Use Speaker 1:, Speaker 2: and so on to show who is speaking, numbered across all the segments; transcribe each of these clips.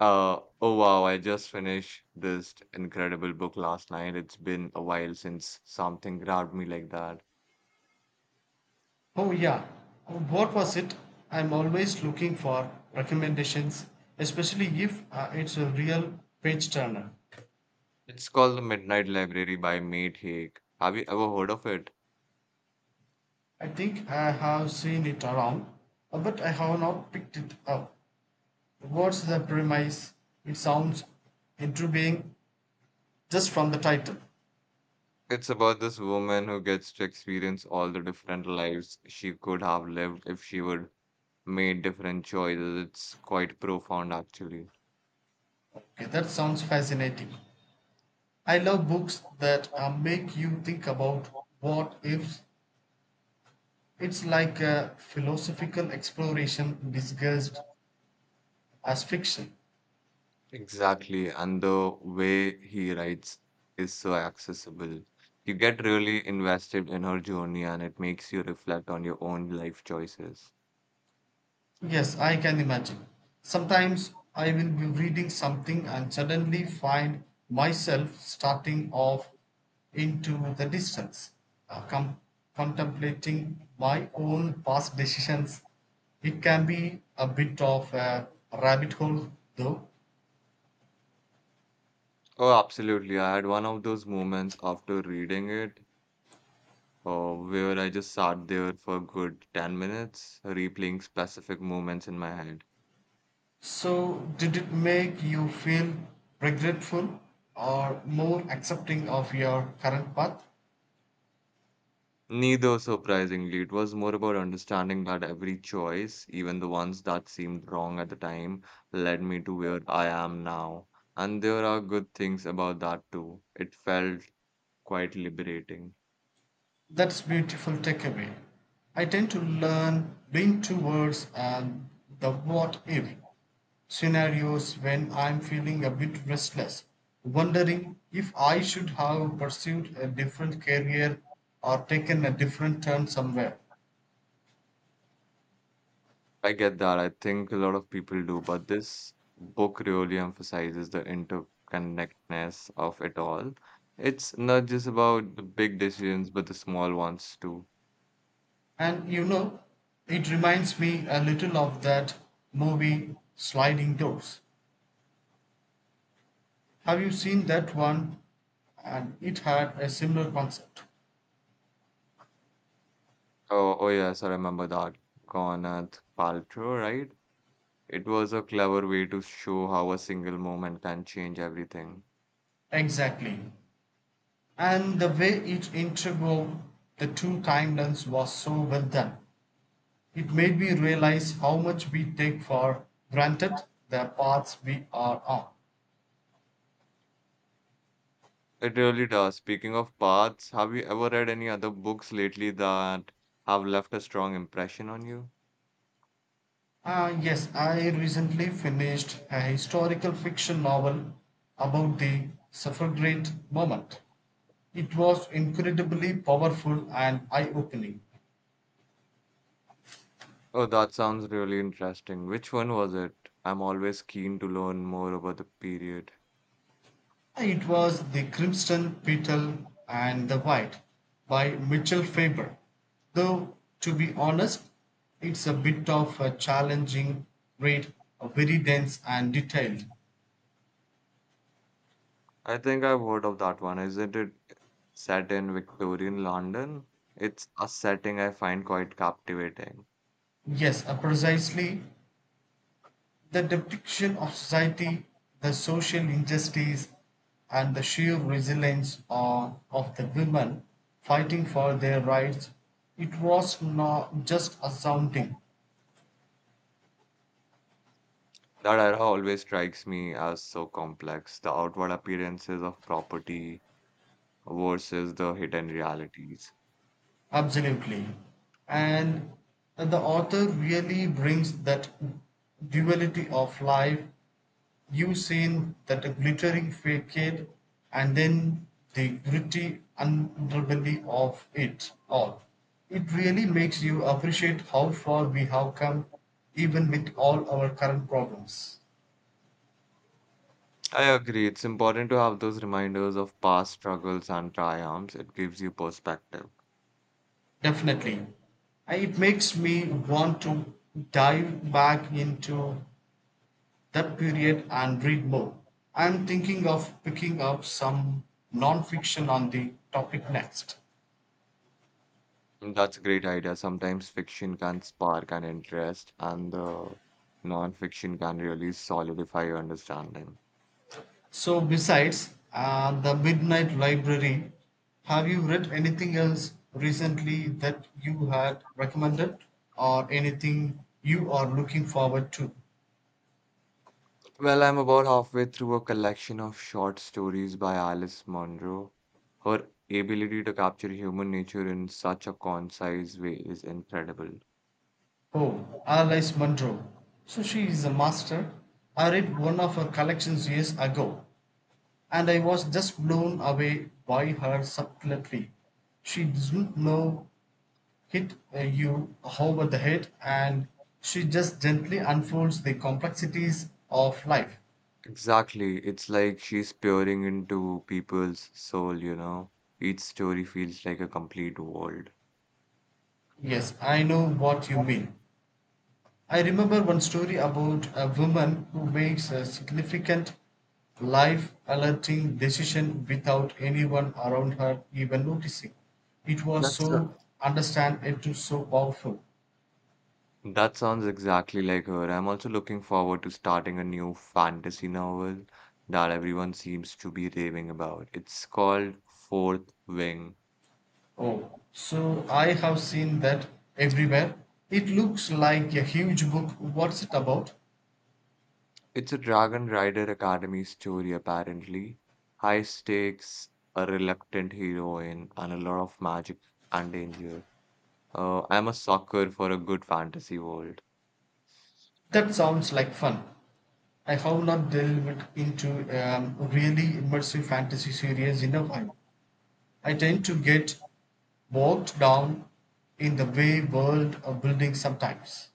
Speaker 1: Oh wow, I just finished this incredible book last night. It's been a while since something grabbed me like that.
Speaker 2: Oh yeah, what was it? I'm always looking for recommendations, especially if it's a real page turner.
Speaker 1: It's called The Midnight Library by Mate Haig. Have you ever heard of it?
Speaker 2: I think I have seen it around, but I have not picked it up. What's the premise? It sounds intriguing just from the title.
Speaker 1: It's about this woman who gets to experience all the different lives she could have lived if she would made different choices. It's quite profound, actually.
Speaker 2: Okay, that sounds fascinating. I love books that make you think about what ifs. It's like a philosophical exploration disguised as fiction.
Speaker 1: Exactly, and the way he writes is so accessible. You get really invested in her journey and it makes you reflect on your own life choices.
Speaker 2: Yes, I can imagine. Sometimes I will be reading something and suddenly find myself starting off into the distance, uh, com- contemplating my own past decisions. It can be a bit of a rabbit hole, though.
Speaker 1: Oh, absolutely. I had one of those moments after reading it where I just sat there for a good 10 minutes, replaying specific moments in my head.
Speaker 2: So, did it make you feel regretful or more accepting of your current path?
Speaker 1: Neither, surprisingly. It was more about understanding that every choice, even the ones that seemed wrong at the time, led me to where I am now. And there are good things about that too. It felt quite liberating.
Speaker 2: That's beautiful takeaway. I tend to learn lean towards the what if scenarios when I'm feeling a bit restless, wondering if I should have pursued a different career or taken a different turn somewhere.
Speaker 1: I get that. I think a lot of people do, but this book really emphasizes the interconnectedness of it all. It's not just about the big decisions, but the small ones too.
Speaker 2: And you know, it reminds me a little of that movie Sliding Doors. Have you seen that one? And it had a similar concept.
Speaker 1: Oh yes, I remember that. Gwyneth Paltrow, right? It was a clever way to show how a single moment can change everything.
Speaker 2: Exactly. And the way it integrated the two timelines was so well done. It made me realize how much we take for granted the paths we are on.
Speaker 1: It really does. Speaking of paths, have you ever read any other books lately that have left a strong impression on you?
Speaker 2: Ah, yes, I recently finished a historical fiction novel about the suffragette movement. It was incredibly powerful and eye opening.
Speaker 1: Oh, that sounds really interesting. Which one was it? I'm always keen to learn more about the period.
Speaker 2: It was The Crimson Petal and the White by Mitchell Faber, though to be honest it's a bit of a challenging read, very dense and detailed.
Speaker 1: I think I've heard of that one. Isn't it set in Victorian London? It's a setting I find quite captivating.
Speaker 2: Yes, precisely the depiction of society, the social injustice, and the sheer resilience of the women fighting for their rights. It was not just astounding.
Speaker 1: That era always strikes me as so complex. The outward appearances of property, versus the hidden realities.
Speaker 2: Absolutely. And the author really brings that duality of life. You've seen that a glittering facade and then the gritty underbelly of it all. It really makes you appreciate how far we have come, even with all our current problems.
Speaker 1: I agree, it's important to have those reminders of past struggles and triumphs. It gives you perspective.
Speaker 2: Definitely. It makes me want to dive back into that period and read more. I'm thinking of picking up some non-fiction on the topic next.
Speaker 1: That's a great idea. Sometimes fiction can spark an interest, and the non-fiction can really solidify your understanding.
Speaker 2: So besides the Midnight Library, have you read anything else recently that you had recommended or anything you are looking forward to?
Speaker 1: Well, I'm about halfway through a collection of short stories by Alice Munro. Her ability to capture human nature in such a concise way is incredible.
Speaker 2: Oh, Alice Munro. So she is a master. I read one of her collections years ago. And I was just blown away by her subtlety. She doesn't know hit you over the head, and she just gently unfolds the complexities of life.
Speaker 1: Exactly. It's like she's peering into people's soul, you know. Each story feels like a complete world.
Speaker 2: Yes, I know what you mean. I remember one story about a woman who makes a significant life alerting decision without anyone around her even noticing. It was
Speaker 1: That's a,
Speaker 2: so understand it was so powerful.
Speaker 1: that sounds exactly like her. I'm also looking forward to starting a new fantasy novel that everyone seems to be raving about. It's called Fourth Wing.
Speaker 2: Oh, so I have seen that everywhere. It looks like a huge book. What's it about?
Speaker 1: It's a Dragon Rider Academy story, apparently. High stakes, a reluctant heroine, and a lot of magic and danger. I'm a sucker for a good fantasy world.
Speaker 2: That sounds like fun. I have not delved into really immersive fantasy series in a while. I tend to get bogged down in the way world of building sometimes.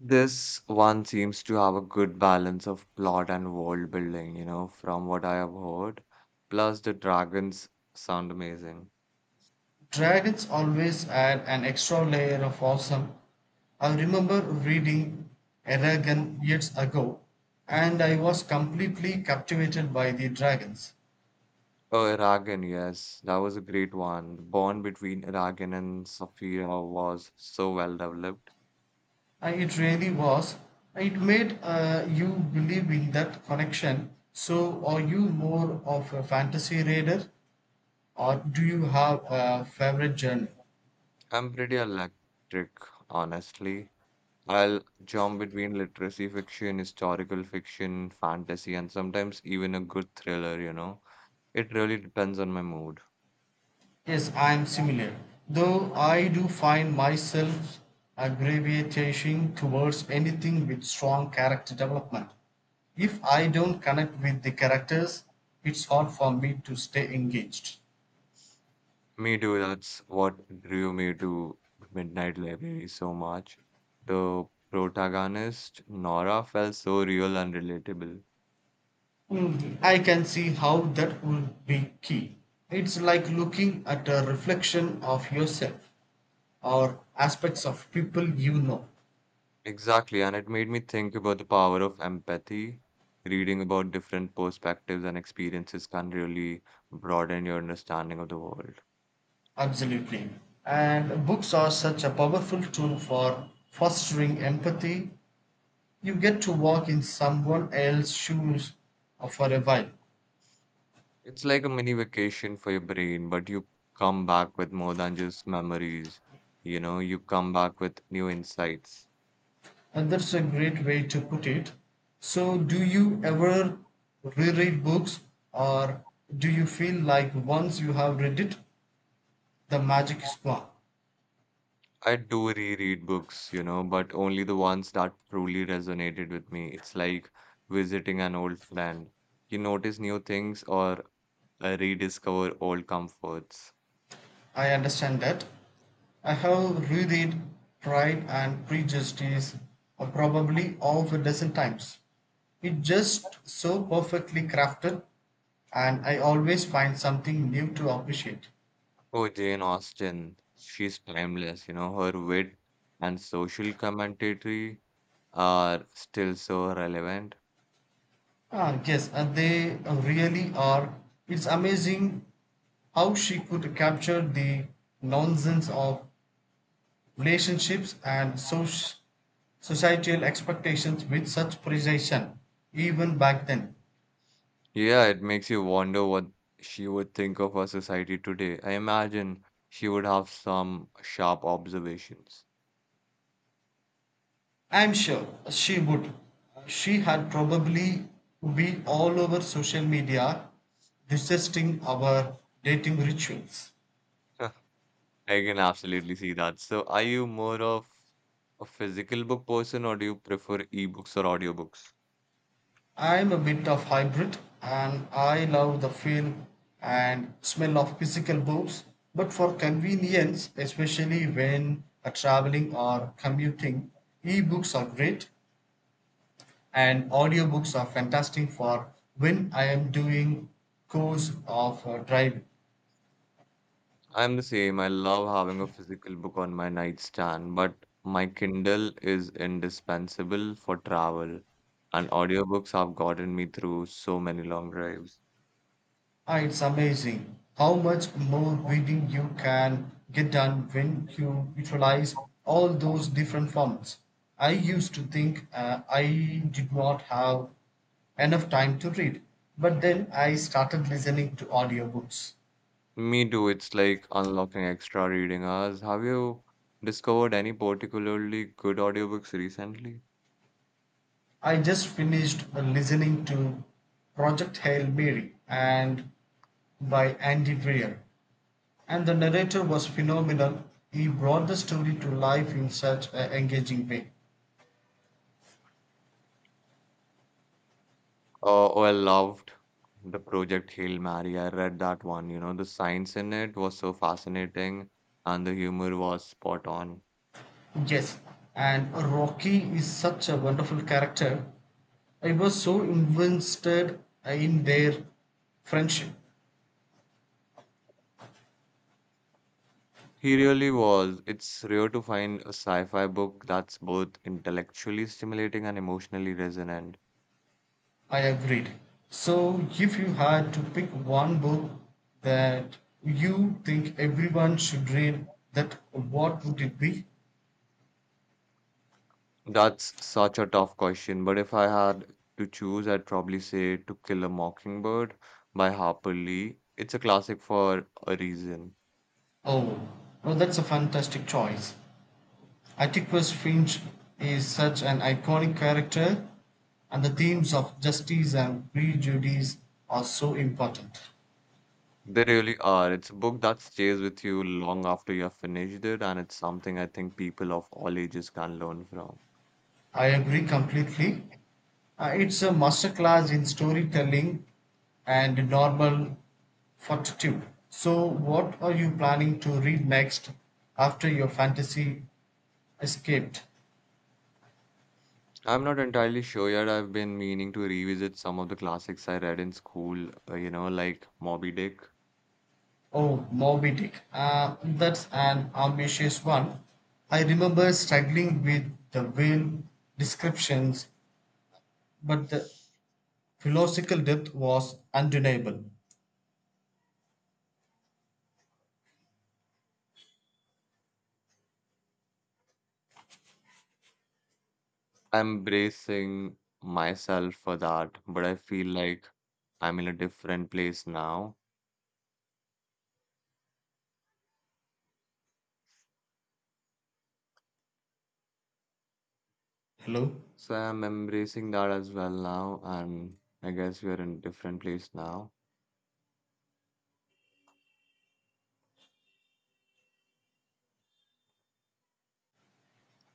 Speaker 1: This one seems to have a good balance of plot and world building, you know, from what I have heard. Plus, the dragons sound amazing.
Speaker 2: Dragons always add an extra layer of awesome. I remember reading Eragon years ago, and I was completely captivated by the dragons.
Speaker 1: Oh, Eragon, yes, that was a great one. The bond between Eragon and Saphira was so well developed.
Speaker 2: It really was. It made you believe in that connection. So, are you more of a fantasy reader, or do you have a favorite genre?
Speaker 1: I'm pretty electric, honestly. I'll jump between literacy fiction, historical fiction, fantasy, and sometimes even a good thriller, you know. It really depends on my mood.
Speaker 2: Yes, I am similar. Though I do find myself gravitating towards anything with strong character development. If I don't connect with the characters, it's hard for me to stay engaged.
Speaker 1: Me too, that's what drew me to Midnight Library so much. The protagonist, Nora, felt so real and relatable.
Speaker 2: Mm. I can see how that would be key. It's like looking at a reflection of yourself or aspects of people you know.
Speaker 1: Exactly, and it made me think about the power of empathy. Reading about different perspectives and experiences can really broaden your understanding of the world.
Speaker 2: Absolutely. And books are such a powerful tool for fostering empathy. You get to walk in someone else's shoes for a while.
Speaker 1: It's like a mini vacation for your brain, but you come back with more than just memories. You know, you come back with new insights.
Speaker 2: And that's a great way to put it. So, do you ever reread books, or do you feel like once you have read it, the magic is gone?
Speaker 1: I do reread books, you know, but only the ones that truly resonated with me. It's like visiting an old friend. You notice new things or rediscover old comforts.
Speaker 2: I understand that. I have reread Pride and Prejudice probably of a dozen times. It just so perfectly crafted, and I always find something new to appreciate.
Speaker 1: Oh, Jane Austen, she's timeless, you know, her wit and social commentary are still so relevant.
Speaker 2: Ah, yes, and they really are. It's amazing how she could capture the nonsense of relationships and societal expectations with such precision, even back then.
Speaker 1: Yeah, it makes you wonder what she would think of our society today. I imagine she would have some sharp observations.
Speaker 2: I'm sure she would. She had probably be all over social media, discussing our dating rituals.
Speaker 1: I can absolutely see that. So, are you more of a physical book person or do you prefer ebooks or audiobooks?
Speaker 2: I'm a bit of hybrid and I love the feel and smell of physical books, but for convenience, especially when traveling or commuting, ebooks are great and audiobooks are fantastic for when I am doing course of driving.
Speaker 1: I'm the same. I love having a physical book on my nightstand, but my Kindle is indispensable for travel, and audiobooks have gotten me through so many long drives.
Speaker 2: Ah, It's amazing how much more reading you can get done when you utilize all those different formats. I used to think I did not have enough time to read, but then I started listening to audiobooks.
Speaker 1: Me too. It's like unlocking extra reading hours. Have you discovered any particularly good audiobooks recently?
Speaker 2: I just finished listening to Project Hail Mary and by Andy Weir. And the narrator was phenomenal. He brought the story to life in such an engaging way.
Speaker 1: Oh, I loved the Project Hail Mary. I read that one. You know, the science in it was so fascinating and the humor was spot on.
Speaker 2: Yes, and Rocky is such a wonderful character. I was so invested in their friendship.
Speaker 1: He really was. It's rare to find a sci-fi book that's both intellectually stimulating and emotionally resonant.
Speaker 2: I agreed. So, if you had to pick one book that you think everyone should read, that what would it be?
Speaker 1: That's such a tough question, but if I had to choose, I'd probably say To Kill a Mockingbird by Harper Lee. It's a classic for a reason.
Speaker 2: Oh, well, that's a fantastic choice. Atticus Finch is such an iconic character, and the themes of justice and prejudice are so important.
Speaker 1: They really are. It's a book that stays with you long after you have finished it, and it's something I think people of all ages can learn from.
Speaker 2: I agree completely. It's a masterclass in storytelling and normal fortitude. So, what are you planning to read next after your fantasy escaped?
Speaker 1: I'm not entirely sure yet. I've been meaning to revisit some of the classics I read in school, you know, like Moby Dick.
Speaker 2: Oh, Moby Dick. That's an ambitious one. I remember struggling with the whale descriptions, but the philosophical depth was undeniable.
Speaker 1: I'm bracing myself for that, but I feel like I'm in a different place now.
Speaker 2: Hello?
Speaker 1: So I'm embracing that as well now, and I guess we are in a different place now.